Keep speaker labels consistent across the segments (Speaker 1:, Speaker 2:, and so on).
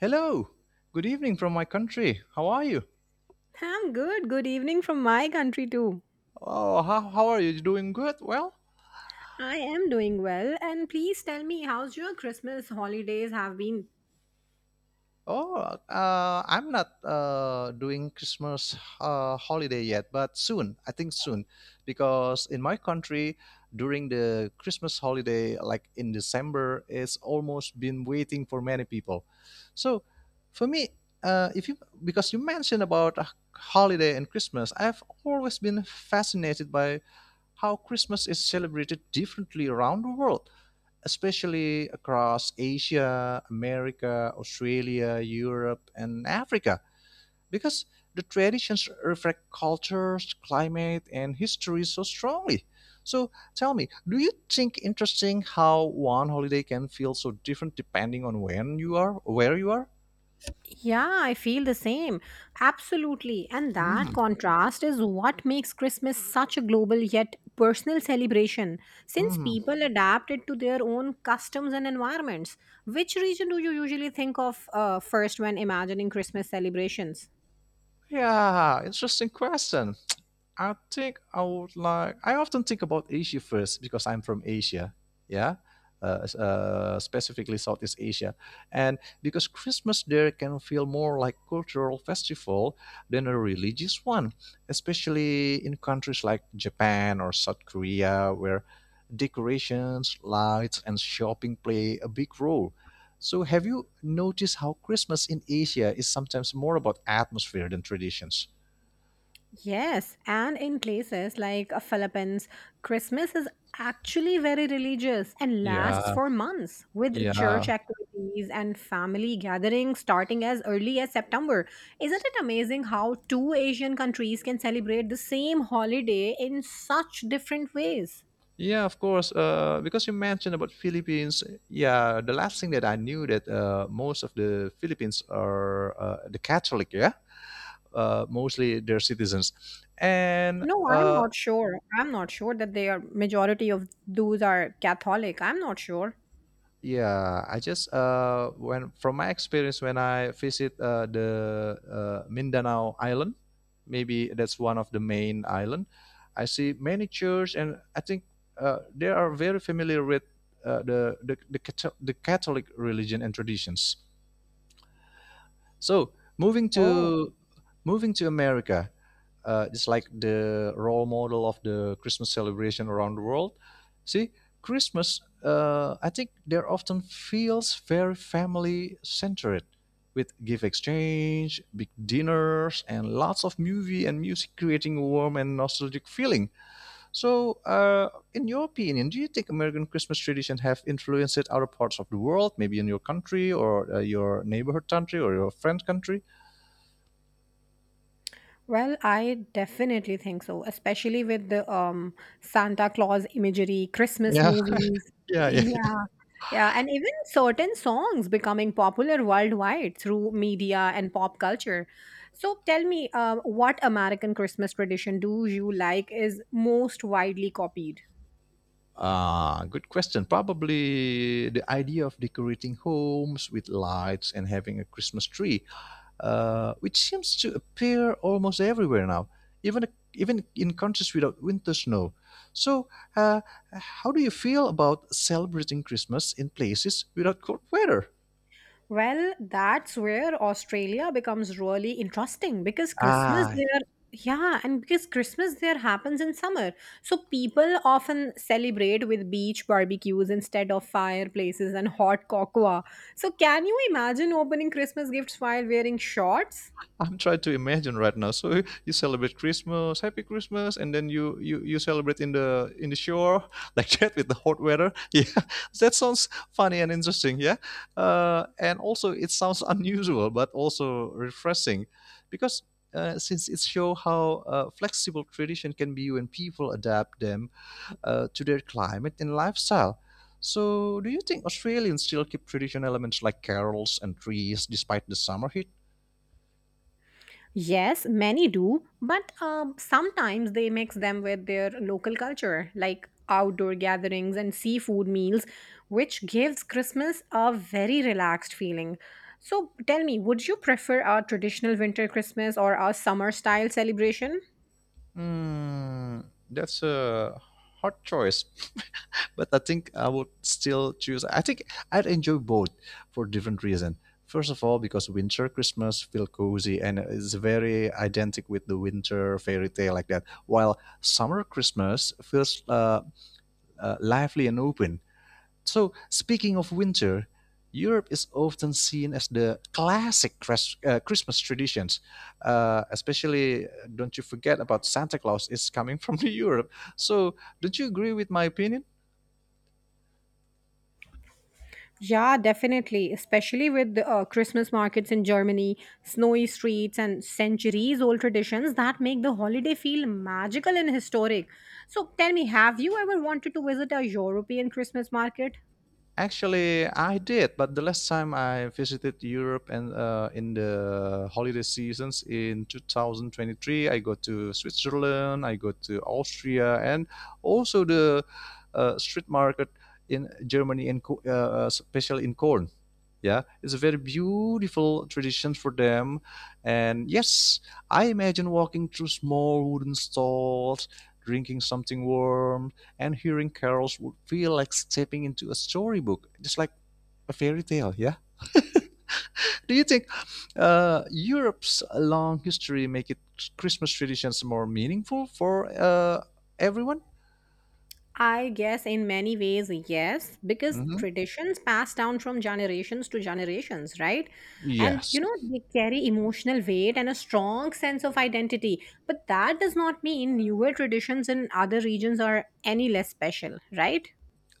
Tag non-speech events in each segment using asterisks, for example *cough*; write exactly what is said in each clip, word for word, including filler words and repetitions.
Speaker 1: Hello. Good evening from my country. How are you?
Speaker 2: I'm good. Good evening from my country, too.
Speaker 1: Oh, how, how are you doing? Good. Well,
Speaker 2: I am doing well. And please tell me, how's your Christmas holidays have been?
Speaker 1: oh, uh, I'm not uh, doing Christmas uh, holiday yet, but soon. I think soon, because in my country, during the Christmas holiday, like in December, it's almost been waiting for many people. So, for me, uh, if you because you mentioned about a holiday and Christmas, I've always been fascinated by how Christmas is celebrated differently around the world, especially across Asia, America, Australia, Europe, and Africa, because the traditions reflect cultures, climate, and history so strongly. So tell me, do you think interesting how one holiday can feel so different depending on when you are, where you are?
Speaker 2: Yeah, I feel the same. Absolutely. And that
Speaker 1: Hmm.
Speaker 2: contrast is what makes Christmas such a global yet personal celebration, since
Speaker 1: Hmm.
Speaker 2: people adapt it to their own customs and environments. Which region do you usually think of uh, first when imagining Christmas celebrations?
Speaker 1: Yeah, interesting question. I think I would like. I often think about Asia first because I'm from Asia. Yeah. Uh, s- uh, specifically Southeast Asia, and because Christmas there can feel more like cultural festival than a religious one, especially in countries like Japan or South Korea, where decorations, lights, and shopping play a big role. So, have you noticed how Christmas in Asia is sometimes more about atmosphere than traditions?
Speaker 2: Yes, and in places like uh, Philippines, Christmas is actually very religious and lasts
Speaker 1: Yeah,
Speaker 2: for months with church
Speaker 1: yeah.
Speaker 2: activities and family gatherings starting as early as September. Isn't it amazing how two Asian countries can celebrate the same holiday in such different ways?
Speaker 1: Yeah, of course. Uh, because you mentioned about Philippines, yeah, the last thing that I knew that uh, most of the Philippines are uh, the Catholic, yeah, uh, mostly their citizens, and
Speaker 2: No, I'm
Speaker 1: uh,
Speaker 2: not sure. I'm not sure that they are majority of those are Catholic. I'm not sure.
Speaker 1: yeah, I just uh, when from my experience when I visit uh, the uh, Mindanao Island, maybe that's one of the main island. I see many church, and I think uh, they are very familiar with uh, the, the the Catho- the Catholic religion and traditions. So moving
Speaker 2: Oh.
Speaker 1: to moving to America, uh, it's like the role model of the Christmas celebration around the world. See, Christmas, uh, I think there often feels very family centered, with gift exchange, big dinners, and lots of movie and music, creating a warm and nostalgic feeling. So, uh, in your opinion, do you think American Christmas tradition have influenced other parts of the world, maybe in your country or uh, your neighborhood country or your friend country?
Speaker 2: Well, I definitely think so, especially with the um Santa Claus imagery, Christmas
Speaker 1: Yeah.
Speaker 2: movies. *laughs*
Speaker 1: Yeah, yeah.
Speaker 2: Yeah. Yeah, and even certain songs becoming popular worldwide through media and pop culture. So tell me, uh, what American Christmas tradition do you like is most widely copied?
Speaker 1: Ah, good question. Probably the idea of decorating homes with lights and having a Christmas tree, uh, which seems to appear almost everywhere now, even even in countries without winter snow. So, uh, how do you feel about celebrating Christmas in places without cold weather?
Speaker 2: Well, that's where Australia becomes really interesting because Christmas
Speaker 1: Ah,
Speaker 2: there, yeah, and because Christmas there happens in summer. So people often celebrate with beach barbecues instead of fireplaces and hot cocoa. So can you imagine opening Christmas gifts while wearing shorts?
Speaker 1: I'm trying to imagine right now. So you celebrate Christmas, Happy Christmas, and then you you you celebrate in the in the shore *laughs* like that with the hot weather. *laughs* Yeah, that sounds funny and interesting. Yeah, uh, and also it sounds *laughs* unusual but also refreshing, because. Uh, since it shows how uh, flexible tradition can be when people adapt them uh, to their climate and lifestyle. So, do you think Australians still keep traditional elements like carols and trees despite the summer heat?
Speaker 2: Yes, many do, but um, sometimes they mix them with their local culture, like outdoor gatherings and seafood meals, which gives Christmas a very relaxed feeling. So tell me, would you prefer a traditional winter Christmas or a summer style celebration?
Speaker 1: Hmm, that's a hard choice, *laughs* but I think I would still choose. I think I'd enjoy both for different reason. First of all, because winter Christmas feel cozy and is very identical with the winter fairy tale like that. While summer Christmas feels uh, uh, lively and open. So, speaking of winter, Europe is often seen as the classic cres- uh, Christmas traditions. Uh, especially, uh, don't you forget about Santa Claus is coming from *laughs* the Europe. So, don't you agree with my opinion?
Speaker 2: Yeah, definitely. Especially with the uh, Christmas markets in Germany, snowy streets, and centuries old traditions that make the holiday feel magical and historic. So tell me, have you ever wanted to visit a European Christmas market?
Speaker 1: Actually, I did, but the last time I visited Europe and uh, in the holiday seasons in twenty twenty-three, I go to Switzerland, I go to Austria, and also the uh, street market in Germany, and Co- uh, especially in Cologne. Yeah, it's a very beautiful tradition for them, and yes, I imagine walking through small wooden stalls, drinking something warm, and hearing carols would feel like stepping into a storybook, just like a fairy tale. Yeah. *laughs* Do you think uh, Europe's long history make it Christmas traditions more meaningful for uh, everyone?
Speaker 2: I guess in many ways, yes, because
Speaker 1: Hmm.
Speaker 2: traditions pass down from generations to generations, right? And
Speaker 1: Yes.
Speaker 2: you know, they carry emotional weight and a strong sense of identity. But that does not mean newer traditions in other regions are any less special, right?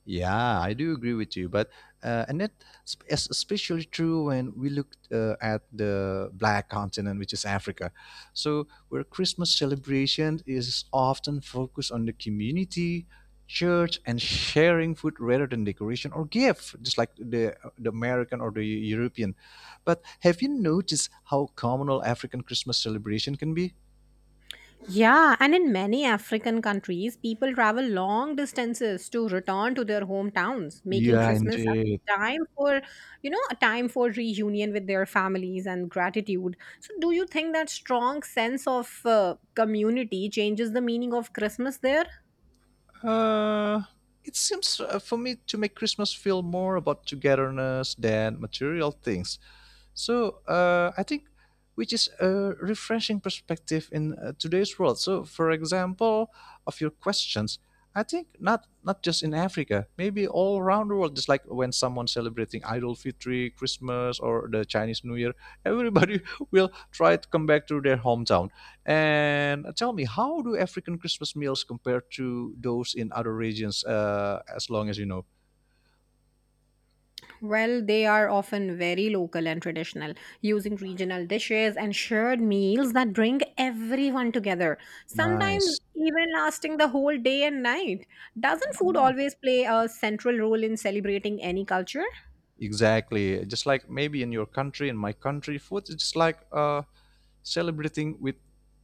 Speaker 1: Yeah, I do agree with you, but uh, and that sp- is especially true when we look uh, at the black continent, which is Africa. So, where Christmas celebration is often focused on the community, church, and sharing food rather than decoration or gift, just like the the American or the European. But have you noticed how communal African Christmas celebration can be?
Speaker 2: Yeah, and in many African countries, people travel long distances to return to their hometowns, making
Speaker 1: Yeah,
Speaker 2: Christmas
Speaker 1: indeed.
Speaker 2: a time for, you know, a time for reunion with their families and gratitude. So, do you think that strong sense of uh, community changes the meaning of Christmas there?
Speaker 1: Uh, it seems uh, for me to make Christmas feel more about togetherness than material things. So uh, I think which is a refreshing perspective in uh, today's world. So for example, of your questions, I think not not just in Africa, maybe all around the world. Just like when someone celebrating Idol Fitri, Christmas, or the Chinese New Year, everybody *laughs* will try to come back to their hometown. And tell me, how do African Christmas meals compare to those in other regions? Uh, as long as you know.
Speaker 2: Well, they are often very local and traditional, using regional dishes and shared meals that bring everyone together, sometimes
Speaker 1: Nice.
Speaker 2: even lasting the whole day and night. Doesn't food always play a central role in celebrating any culture?
Speaker 1: Exactly. Just like maybe in your country, in my country, food is just like uh, celebrating with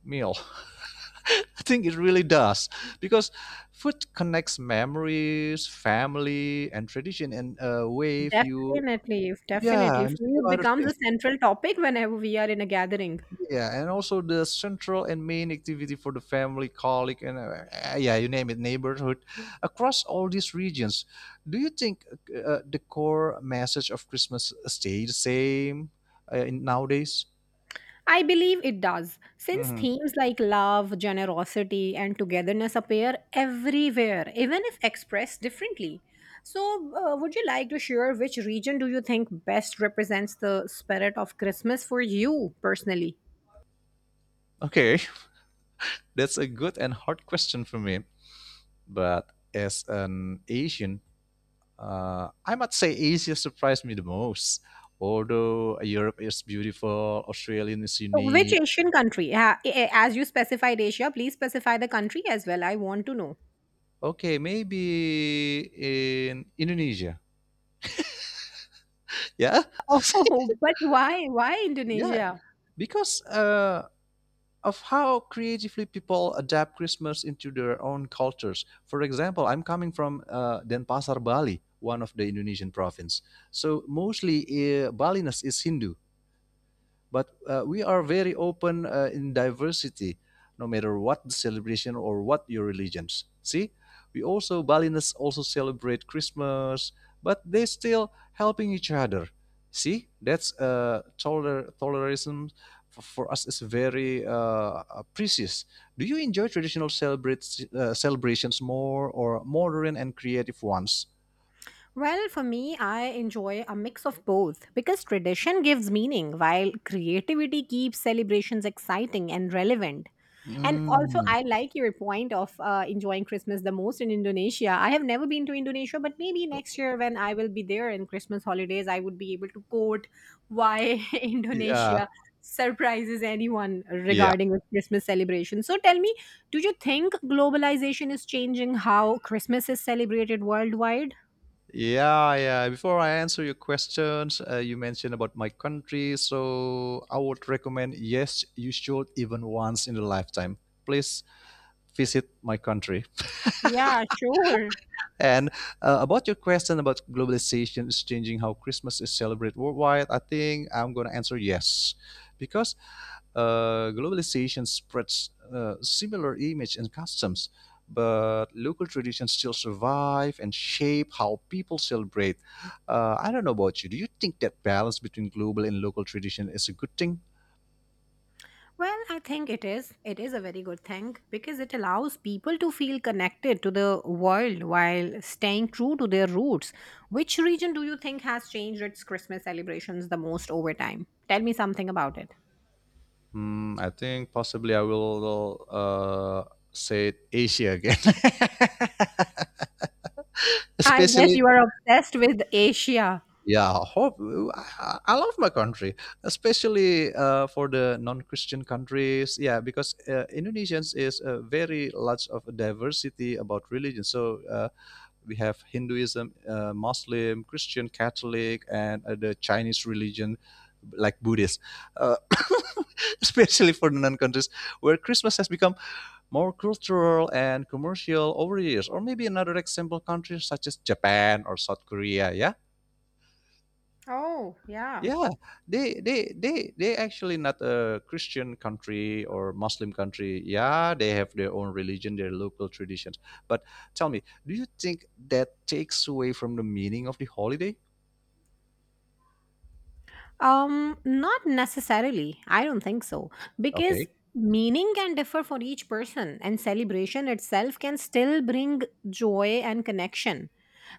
Speaker 1: meal. *laughs* I think it really does because food connects memories, family, and tradition in a way if you,
Speaker 2: Definitely,
Speaker 1: yeah,
Speaker 2: definitely.
Speaker 1: and a few
Speaker 2: Food
Speaker 1: other
Speaker 2: becomes a
Speaker 1: things.
Speaker 2: central topic whenever we are in a gathering.
Speaker 1: Yeah, and also the central and main activity for the family, colleague, and uh, uh, yeah, you name it, neighborhood. Across all these regions, do you think uh, the core message of Christmas stay the same uh, in nowadays?
Speaker 2: I believe it does, since
Speaker 1: Mhm.
Speaker 2: themes like love, generosity, and togetherness appear everywhere, even if expressed differently. So, uh, would you like to share which region do you think best represents the spirit of Christmas for you personally?
Speaker 1: Okay, *laughs* that's a good and hard question for me, but as an Asian, uh, I must say Asia surprised me the most, although Europe is beautiful, Australia is
Speaker 2: So which
Speaker 1: unique.
Speaker 2: Asian country? Ha- a- a- As you specified Asia, please specify the country as well. I want to know.
Speaker 1: Okay, maybe in Indonesia. Yeah.
Speaker 2: *laughs*
Speaker 1: *laughs*
Speaker 2: Oh, but why? Why
Speaker 1: Yeah,
Speaker 2: Indonesia?
Speaker 1: because uh, of how creatively people adapt Christmas into their own cultures. For example, I'm coming from uh, Denpasar, Bali, one of the Indonesian province. So mostly uh, Baliness is Hindu. But uh, we are very open uh, in diversity, no matter what the celebration or what your religions. See, we also, Balinese, also celebrate Christmas, but they still helping each other. See, that's uh, toler- tolerism for, for us is very uh, uh, precious. Do you enjoy traditional celebrate, uh, celebrations more or modern and creative ones?
Speaker 2: Well, for me, I enjoy a mix of both because tradition gives meaning while creativity keeps celebrations exciting and relevant. And also,
Speaker 1: Mm.
Speaker 2: I like your point of uh, enjoying Christmas the most in Indonesia. I have never been to Indonesia, but maybe next year when I will be there in Christmas holidays, I would be able to quote why *laughs*
Speaker 1: Yeah,
Speaker 2: Indonesia surprises anyone
Speaker 1: yeah.
Speaker 2: regarding with Christmas celebration. So tell me, do you think globalization is changing how Christmas is celebrated worldwide?
Speaker 1: Yeah, yeah. Before I answer your questions, uh, you mentioned about my country. So I would recommend, yes, you should even once in a lifetime. Please visit my country.
Speaker 2: Yeah, sure.
Speaker 1: And uh, about your question about globalization is changing how Christmas is celebrated worldwide, I think I'm going to answer yes. Because uh, globalization spreads uh, similar image and customs, but local traditions still survive and shape how people celebrate. Uh, I don't know about you. Do you think that balance between global and local tradition is a good thing?
Speaker 2: Well, I think it is. It is a very good thing because it allows people to feel connected to the world while staying true to their roots. Which region do you think has changed its Christmas celebrations the most over time? Tell me something about it.
Speaker 1: Hmm, I think possibly I will uh, say Asia again, *laughs*
Speaker 2: I guess
Speaker 1: especially.
Speaker 2: you are obsessed with Asia.
Speaker 1: Yeah, hope I, I love my country, especially uh, for the non-Christian countries. Yeah, because uh, Indonesians is a very large of a diversity about religion. So uh, we have Hinduism, uh, Muslim, Christian, Catholic, and uh, the Chinese religion, like Buddhist. Uh, *coughs* *laughs* especially for the non-countries where Christmas has become more cultural and commercial over the years. Or maybe another example country such as Japan or South Korea. Yeah,
Speaker 2: Oh, yeah.
Speaker 1: yeah, they they they they actually not a Christian country or Muslim country. Yeah, they have their own religion, their local traditions. But tell me, do you think that takes away from the meaning of the holiday?
Speaker 2: Um, not necessarily. I don't think so. Because
Speaker 1: Okay,
Speaker 2: meaning can differ for each person, and celebration itself can still bring joy and connection.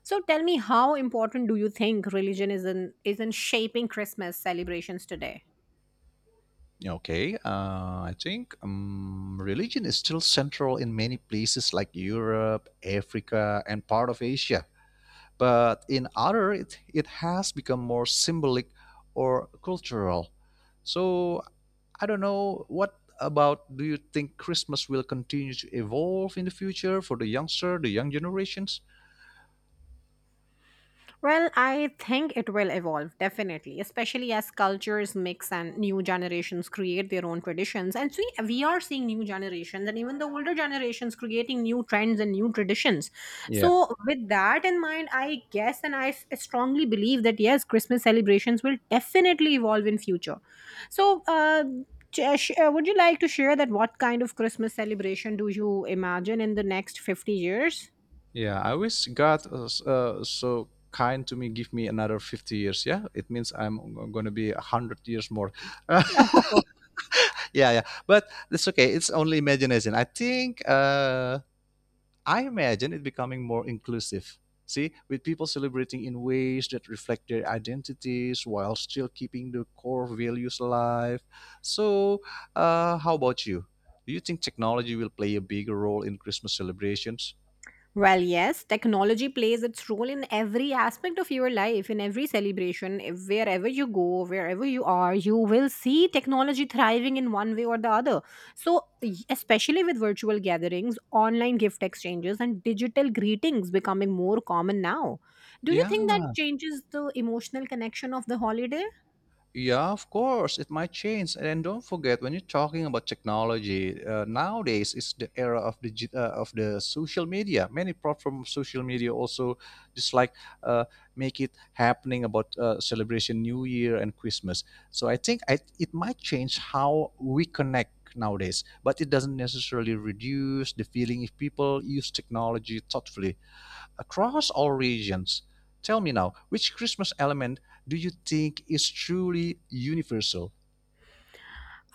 Speaker 2: So tell me how important do you think religion is in is in shaping Christmas celebrations today?
Speaker 1: okay. Uh, I think um, religion is still central in many places like Europe, Africa, and part of Asia. But in other, it, it has become more symbolic or cultural. So I don't know. What about, do you think Christmas will continue to evolve in the future for the youngster, the young generations?
Speaker 2: Well, I think it will evolve, definitely, especially as cultures mix and new generations create their own traditions. And see, we are seeing new generations and even the older generations creating new trends and new traditions.
Speaker 1: Yeah,
Speaker 2: So, with that in mind, I guess and I s- strongly believe that yes, Christmas celebrations will definitely evolve in future. So, uh, Ch- sh- uh, would you like to share that what kind of Christmas celebration do you imagine in the next fifty years?
Speaker 1: yeah. I wish God uh, s- uh, so kind to me, give me another fifty years. Yeah, it means I'm g- gonna be a hundred years more. *laughs*
Speaker 2: *laughs*
Speaker 1: Yeah, yeah. But it's okay. It's only imagination. I think uh, I imagine it becoming more inclusive. See, with people celebrating in ways that reflect their identities while still keeping the core values alive. So, uh, how about you? Do you think technology will play a bigger role in Christmas celebrations?
Speaker 2: Well, yes, technology plays its role in every aspect of your life, in every celebration, if- wherever you go, wherever you are, you will see technology thriving in one way or the other. So, y- especially with virtual gatherings, online gift exchanges, and digital greetings becoming more common now. Do you think that changes the emotional connection of the holiday?
Speaker 1: Yeah, of course, it might change. And don't forget, when you're talking about technology, uh, nowadays it's the era of the uh, of the social media. Many platforms, social media also just like uh, make it happening about uh, celebration New Year and Christmas. So I think I, it might change how we connect nowadays, but it doesn't necessarily reduce the feeling if people use technology thoughtfully across all regions. Tell me now, which Christmas element do you think is truly universal?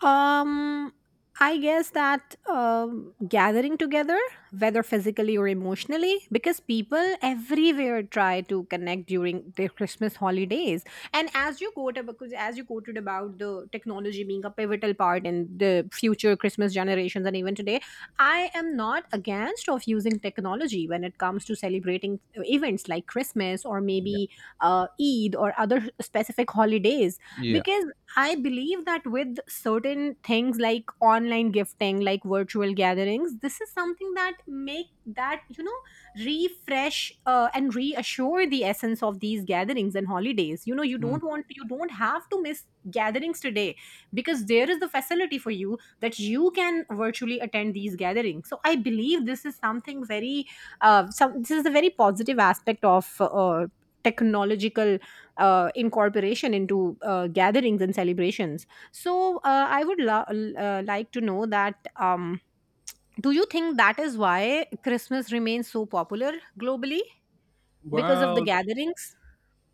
Speaker 2: Um, I guess that um, gathering together, whether physically or emotionally, because people everywhere try to connect during their Christmas holidays. And as you quoted, because as you quoted about the technology being a pivotal part in the future Christmas generations, and even today, I am not against of using technology when it comes to celebrating uh, events like Christmas or
Speaker 1: Yeah.
Speaker 2: maybe uh, Eid or other specific holidays
Speaker 1: Yeah.
Speaker 2: because I believe that with certain things like online gifting, like virtual gatherings, this is something that make that you know refresh uh, and reassure the essence of these gatherings and holidays. You know, you don't
Speaker 1: Mm.
Speaker 2: want you don't have to miss gatherings today because there is the facility for you that you can virtually attend these gatherings. So I believe this is something very uh, some this is a very positive aspect of uh, technological uh, incorporation into uh, gatherings and celebrations. So uh, I would lo- l- uh, like to know that um, do you think that is why Christmas remains so popular globally because of the
Speaker 1: Well,
Speaker 2: gatherings?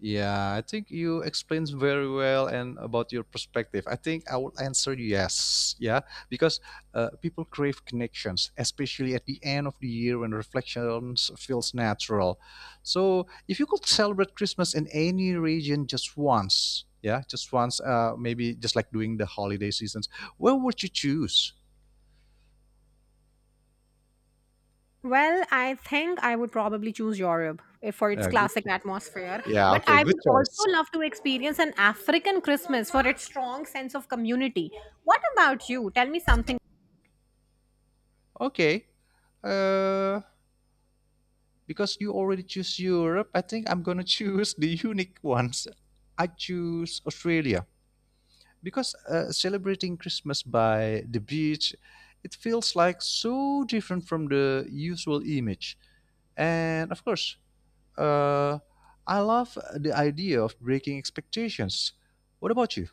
Speaker 1: yeah, I think you explained very well and about your perspective. I think I would answer yes. Yeah, because uh, people crave connections, especially at the end of the year when reflections feels natural. So if you could celebrate Christmas in any region just once, yeah, just once, uh, maybe just like during the holiday seasons, where would you choose?
Speaker 2: Well, I think I would probably choose Europe if for its
Speaker 1: Yeah, good.
Speaker 2: classic atmosphere,
Speaker 1: Yeah,
Speaker 2: but
Speaker 1: okay,
Speaker 2: I
Speaker 1: good
Speaker 2: would
Speaker 1: choice.
Speaker 2: also love to experience an African Christmas for its strong sense of community. What about you? Tell me something.
Speaker 1: Okay. Uh, because you already choose Europe, I think I'm gonna *laughs* choose the unique ones. I choose Australia because uh, celebrating Christmas by the beach, it feels like so different from the usual image. And of course, uh, I love the idea of breaking expectations. What about you?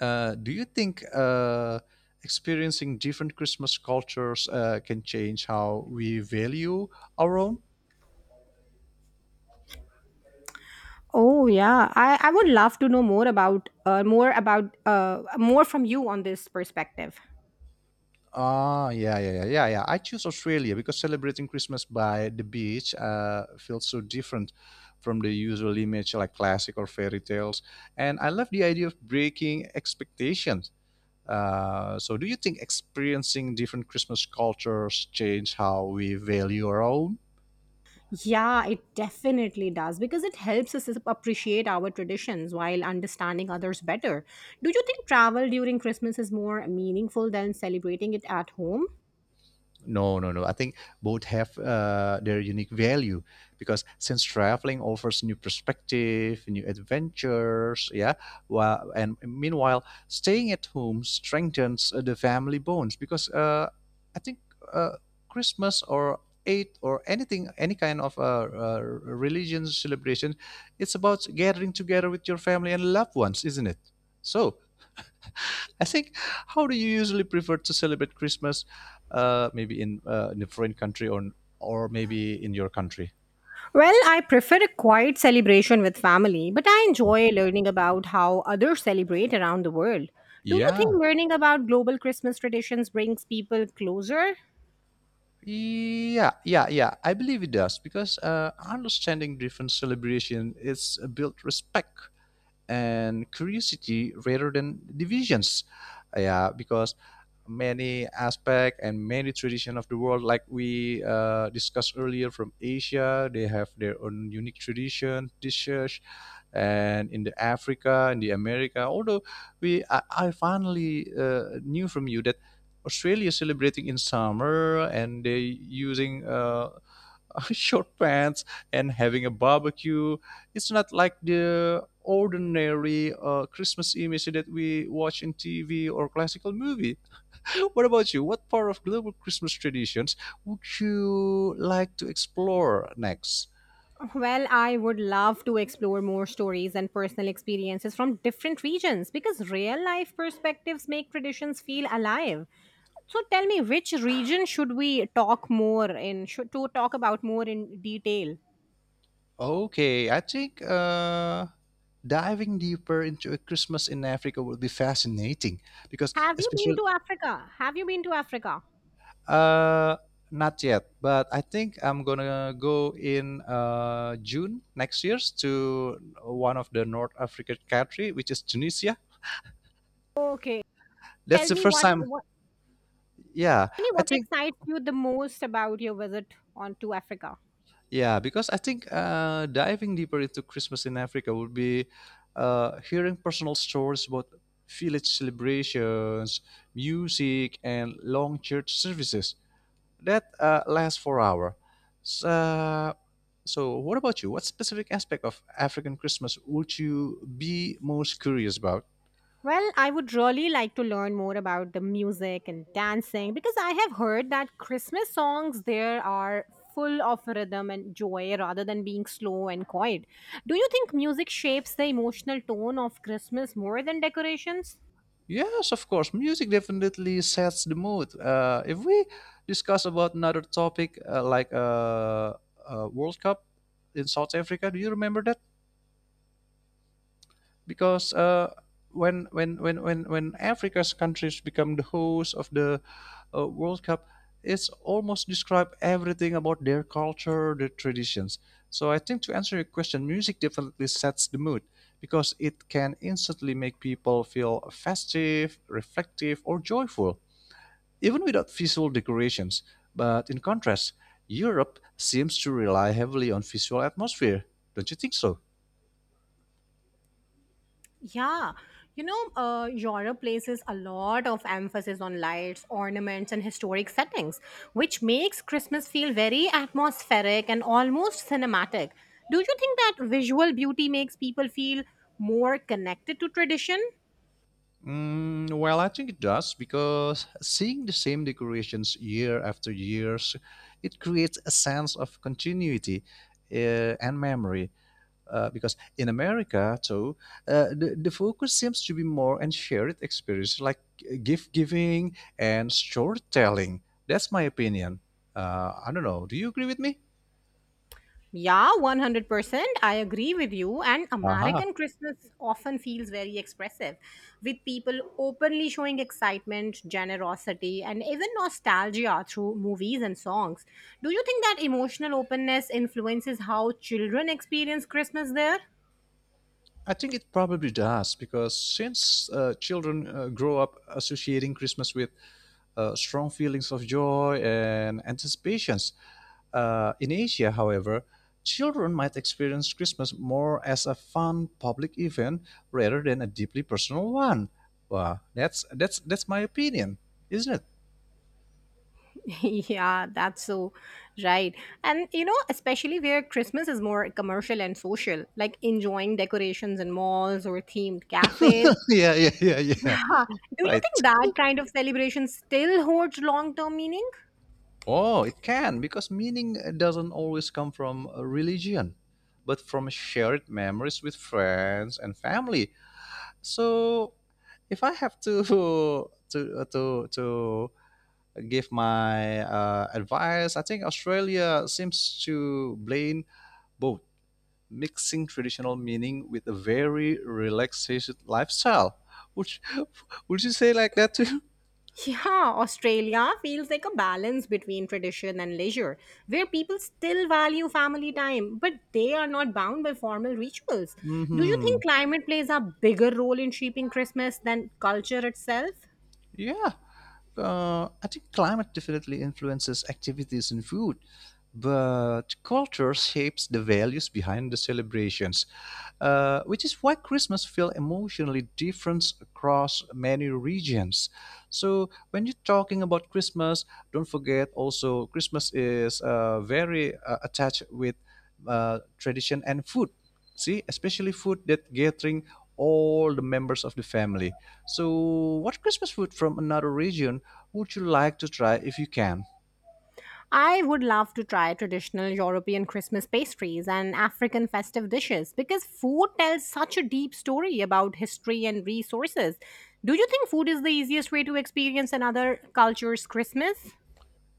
Speaker 1: Uh, do you think uh, experiencing different Christmas cultures uh, can change how we value our own?
Speaker 2: Oh yeah, I, I would love to know more about uh, more about uh, more from you on this perspective.
Speaker 1: Ah, yeah, yeah, yeah, yeah, yeah. I choose Australia because celebrating Christmas by the beach uh, feels so different from the usual image like classic or fairy tales. And I love the idea of breaking expectations. Uh, so, do you think experiencing different Christmas cultures change how we value our own?
Speaker 2: Yeah, it definitely does because it helps us appreciate our traditions while understanding others better. Do you think travel during Christmas is more meaningful than celebrating it at home?
Speaker 1: No, no, no. I think both have uh, their unique value because since traveling offers new perspective, new adventures, yeah. While, and meanwhile, staying at home strengthens uh, the family bonds because uh, I think uh, Christmas or Eid or anything, any kind of uh, uh, religion celebration, it's about gathering together with your family and loved ones, isn't it? So I think, how do you usually prefer to celebrate Christmas? Uh, maybe in uh, in a foreign country or or maybe in your country.
Speaker 2: Well, I prefer a quiet celebration with family, but I enjoy learning about how others celebrate around the world. Do you think
Speaker 1: Yeah,
Speaker 2: learning about global Christmas traditions brings people closer?
Speaker 1: yeah, yeah, yeah. I believe it does because uh, understanding different celebration is uh, built respect and curiosity rather than divisions. Yeah, because many aspect and many tradition of the world, like we uh, discussed earlier from Asia, they have their own unique tradition, dishes, and in the Africa and the America. Although we, I, I finally uh, knew from you that Australia is celebrating in summer and they using uh, *laughs* short pants and having a barbecue. It's not like the ordinary uh, Christmas image that we watch in T V or classical movie. *laughs* What about you? What part of global Christmas traditions would you like to explore next?
Speaker 2: Well, I would love to explore more stories and personal experiences from different regions because real life perspectives make traditions feel alive. So tell me which region should we talk more in should to talk about more in detail.
Speaker 1: Okay, I think uh, diving deeper into a Christmas in Africa would be fascinating because,
Speaker 2: Have you been
Speaker 1: especially,
Speaker 2: to Africa? Have you been to Africa?
Speaker 1: uh, not yet, but I think I'm gonna go in uh, June next year to one of the North African country, which is Tunisia.
Speaker 2: Okay.
Speaker 1: That's
Speaker 2: Tell
Speaker 1: the
Speaker 2: me
Speaker 1: first
Speaker 2: what
Speaker 1: time.
Speaker 2: what
Speaker 1: Yeah,
Speaker 2: tell me
Speaker 1: I
Speaker 2: what
Speaker 1: think,
Speaker 2: excites you the most about your visit on to Africa.
Speaker 1: yeah, because I think uh, diving deeper into Christmas in Africa would be uh, hearing personal stories about village celebrations, music, and long church services that uh, last for hour. So, so, what about you? What specific aspect of African Christmas would you be most curious about?
Speaker 2: Well, I would really like to learn more about the music and dancing because I have heard that Christmas songs there are full of rhythm and joy rather than being slow and quiet. Do you think music shapes the emotional tone of Christmas more than decorations?
Speaker 1: Yes, of course. Music definitely sets the mood. Uh, if we discuss about another topic uh, like uh, uh, World Cup in South Africa, do you remember that? Because uh, when when when when when Africa's countries become the host of the uh, World Cup, it's almost describe everything about their culture, their traditions. So I think, to answer your question, music definitely sets the mood because it can instantly make people feel festive, reflective, or joyful even without visual decorations. But in contrast, Europe seems to rely heavily on visual atmosphere. Don't you think so?
Speaker 2: Yeah, you know, uh, Europe places a lot of emphasis on lights, ornaments, and historic settings, which makes Christmas feel very atmospheric and almost cinematic. Do you think that visual beauty makes people feel more connected to tradition?
Speaker 1: Mm, well, I think it does because seeing the same decorations year after years, it creates a sense of continuity uh, and memory. Uh, because in America, too, uh, the, the focus seems to be more on shared experience like uh, gift giving and storytelling. That's my opinion. Uh, I don't know. Do you agree with me?
Speaker 2: Yeah, one hundred percent. I agree with you. And
Speaker 1: Aha.
Speaker 2: American Christmas often feels very expressive, with people openly showing excitement, generosity, and even nostalgia through movies and songs. Do you think that emotional openness influences how children experience Christmas there? *laughs*
Speaker 1: I think it probably does because since uh, children uh, grow up associating Christmas with uh, strong feelings of joy and anticipations, uh, in Asia, however, children might experience Christmas more as a fun public event rather than a deeply personal one. Wow, that's that's that's my opinion, isn't it?
Speaker 2: Yeah, that's so right. And you know, especially where Christmas is more commercial and social, like enjoying decorations in malls or themed cafes.
Speaker 1: *laughs* Yeah, yeah, yeah, yeah.
Speaker 2: Huh. Do you
Speaker 1: Right.
Speaker 2: think that kind of celebration still holds long term meaning?
Speaker 1: Oh, it can, because meaning doesn't always come from a religion, but from shared memories with friends and family. So, if I have to *laughs* to uh, to to give my uh, advice, I think Australia seems to blend both, mixing traditional meaning with a very relaxation lifestyle. Would you- *laughs* would you say like that too? *laughs*
Speaker 2: Yeah, Australia feels like a balance between tradition and leisure, where people still value family time, but they are not bound by formal rituals. Do you
Speaker 1: Hmm.
Speaker 2: think climate plays a bigger role in shaping Christmas than culture itself?
Speaker 1: Yeah, uh, I think climate definitely influences activities and food, but culture shapes the values behind the celebrations, uh, which is why Christmas feels emotionally different across many regions. So when you're talking about Christmas, don't forget also Christmas is uh, very uh, attached with uh, tradition and food. See, especially food that gathering all the members of the family. So, what Christmas food from another region would you like to try if you can?
Speaker 2: I would love to try traditional European Christmas pastries and African festive dishes because food tells such a deep story about history and resources. Do you think food is the easiest way to experience another culture's Christmas?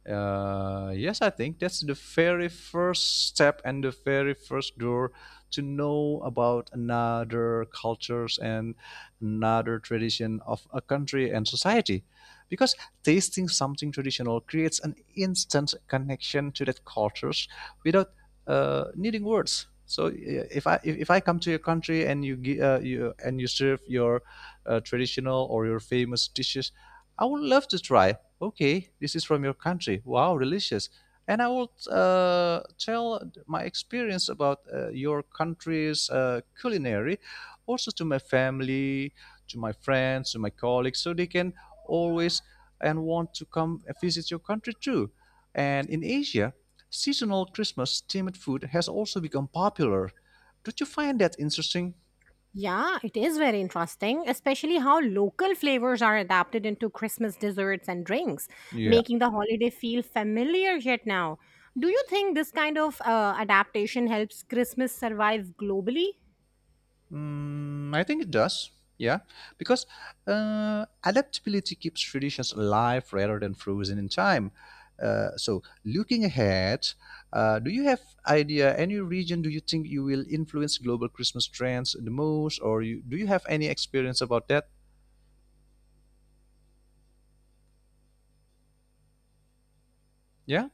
Speaker 1: Uh, yes, I think that's the very first step and the very first door to know about another cultures and another tradition of a country and society. Because tasting something traditional creates an instant connection to that cultures without uh, needing words. So uh, if I if, if I come to your country and you, gi- uh, you and you serve your uh, traditional or your famous dishes, I would love to try, okay, this is from your country, wow, delicious. And I will uh, tell my experience about uh, your country's uh, culinary also to my family, to my friends, to my colleagues, so they can always and want to come and visit your country too. And in Asia, seasonal Christmas themed food has also become popular. Don't you find that interesting?
Speaker 2: Yeah, it is very interesting, especially how local flavors are adapted into Christmas desserts and drinks,
Speaker 1: Yeah.
Speaker 2: making the holiday feel familiar yet now. Do you think this kind of uh, adaptation helps Christmas survive globally?
Speaker 1: Mm, I think it does. Yeah, because uh, adaptability keeps traditions alive rather than frozen in time. Uh, so, looking ahead, uh, do you have idea any region do you think you will influence global Christmas trends the most, or you, do you have any experience about that? Yeah.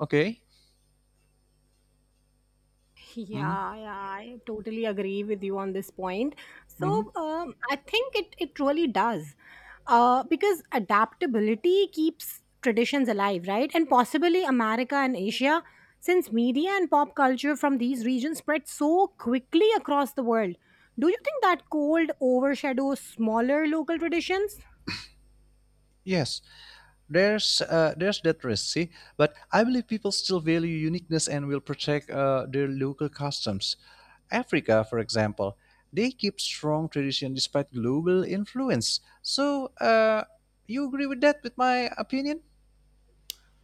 Speaker 1: Okay. Mm-hmm.
Speaker 2: Yeah, yeah, I totally agree with you on this point. So
Speaker 1: Mm-hmm.
Speaker 2: um, I think it it really does, uh, because adaptability keeps traditions alive, right? And possibly America and Asia, since media and pop culture from these regions spread so quickly across the world. Do you think that cold overshadows smaller local traditions?
Speaker 1: Yes, there's uh, there's that risk, see, but I believe people still value uniqueness and will protect uh, their local customs. Africa, for example, they keep strong tradition despite global influence. So, uh, you agree with that, with my opinion?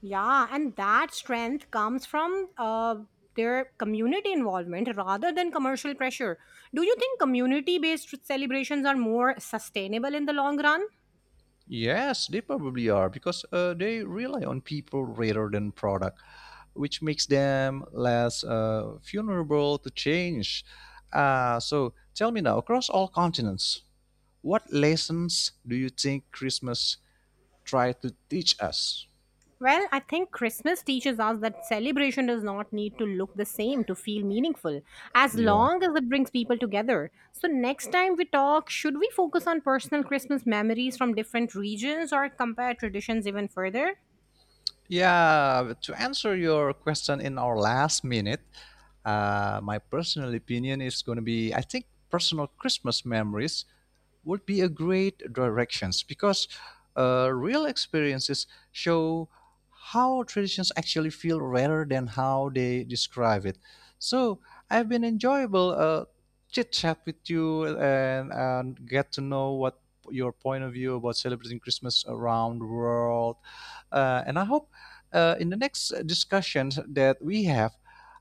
Speaker 2: Yeah, and that strength comes from uh, their community involvement rather than commercial pressure. Do you think community based celebrations are more sustainable in the long run?
Speaker 1: Yes, they probably are because uh, they rely on people rather than product, which makes them less uh, vulnerable to change. Uh, so, tell me now, across all continents, what lessons do you think Christmas tried to teach us?
Speaker 2: Well, I think Christmas teaches us that celebration does not need to look the same to feel meaningful, as long as it brings people together. So, next time we talk, should we focus on personal Christmas memories from different regions or compare traditions even further?
Speaker 1: Yeah, to answer your question in our last minute, uh, my personal opinion is going to be, I think, personal Christmas memories would be a great directions because uh, real experiences show how traditions actually feel rather than how they describe it. So I've been enjoyable uh, chit chat with you, and, and get to know what your point of view about celebrating Christmas around the world, uh, and I hope uh, in the next discussions that we have,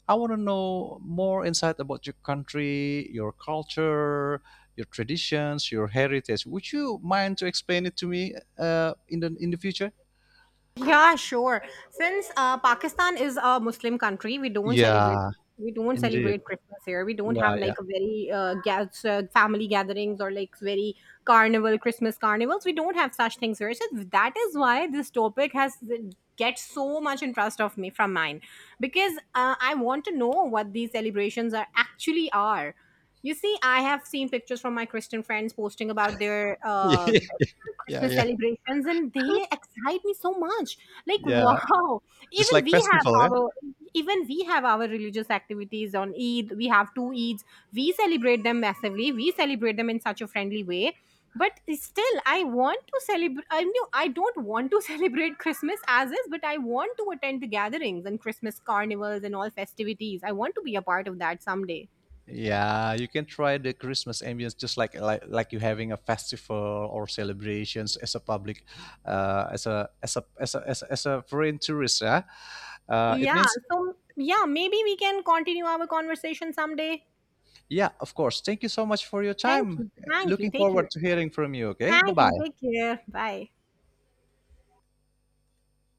Speaker 1: I want to know more insight about your country, your culture, your traditions, your heritage. Would you mind to explain it to me uh, in the in the future?
Speaker 2: Yeah, sure. Since uh, Pakistan is a Muslim country, we don't celebrate
Speaker 1: Yeah,
Speaker 2: we don't
Speaker 1: indeed.
Speaker 2: celebrate Christmas here. We don't have
Speaker 1: Yeah, yeah,
Speaker 2: like a very uh, gas, uh, family gatherings or like very carnival Christmas carnivals. We don't have such things here. So that is why this topic has gets so much interest of me from mine because uh, I want to know what these celebrations are actually are. You see, I have seen pictures from my Christian friends posting about their uh,
Speaker 1: *laughs* yeah,
Speaker 2: Christmas
Speaker 1: yeah,
Speaker 2: celebrations, and they excite me so much. Like,
Speaker 1: yeah.
Speaker 2: wow!
Speaker 1: Just
Speaker 2: Even
Speaker 1: like
Speaker 2: we have
Speaker 1: festival, yeah.
Speaker 2: our even we have our religious activities on Eid. We have two Eids. We celebrate them massively. We celebrate them in such a friendly way. But still, I want to celebrate. I knew I don't want to *laughs* celebrate Christmas as is, but I want to attend the gatherings and Christmas carnivals and all festivities. I want to be a part of that someday.
Speaker 1: Yeah, you can try the Christmas ambience just like like, like you having a festival or celebrations as a public, uh, as a as a as a as a, as a foreign tourist. Yeah, uh, it
Speaker 2: Yeah.
Speaker 1: means,
Speaker 2: So yeah, maybe we can continue our conversation someday.
Speaker 1: yeah, of course. Thank you so much for your
Speaker 2: Thank
Speaker 1: time.
Speaker 2: you. Thank you.
Speaker 1: Looking
Speaker 2: Take
Speaker 1: forward
Speaker 2: care.
Speaker 1: to hearing from you. Okay, bye
Speaker 2: Thank you.
Speaker 1: bye.
Speaker 2: Take care. Bye.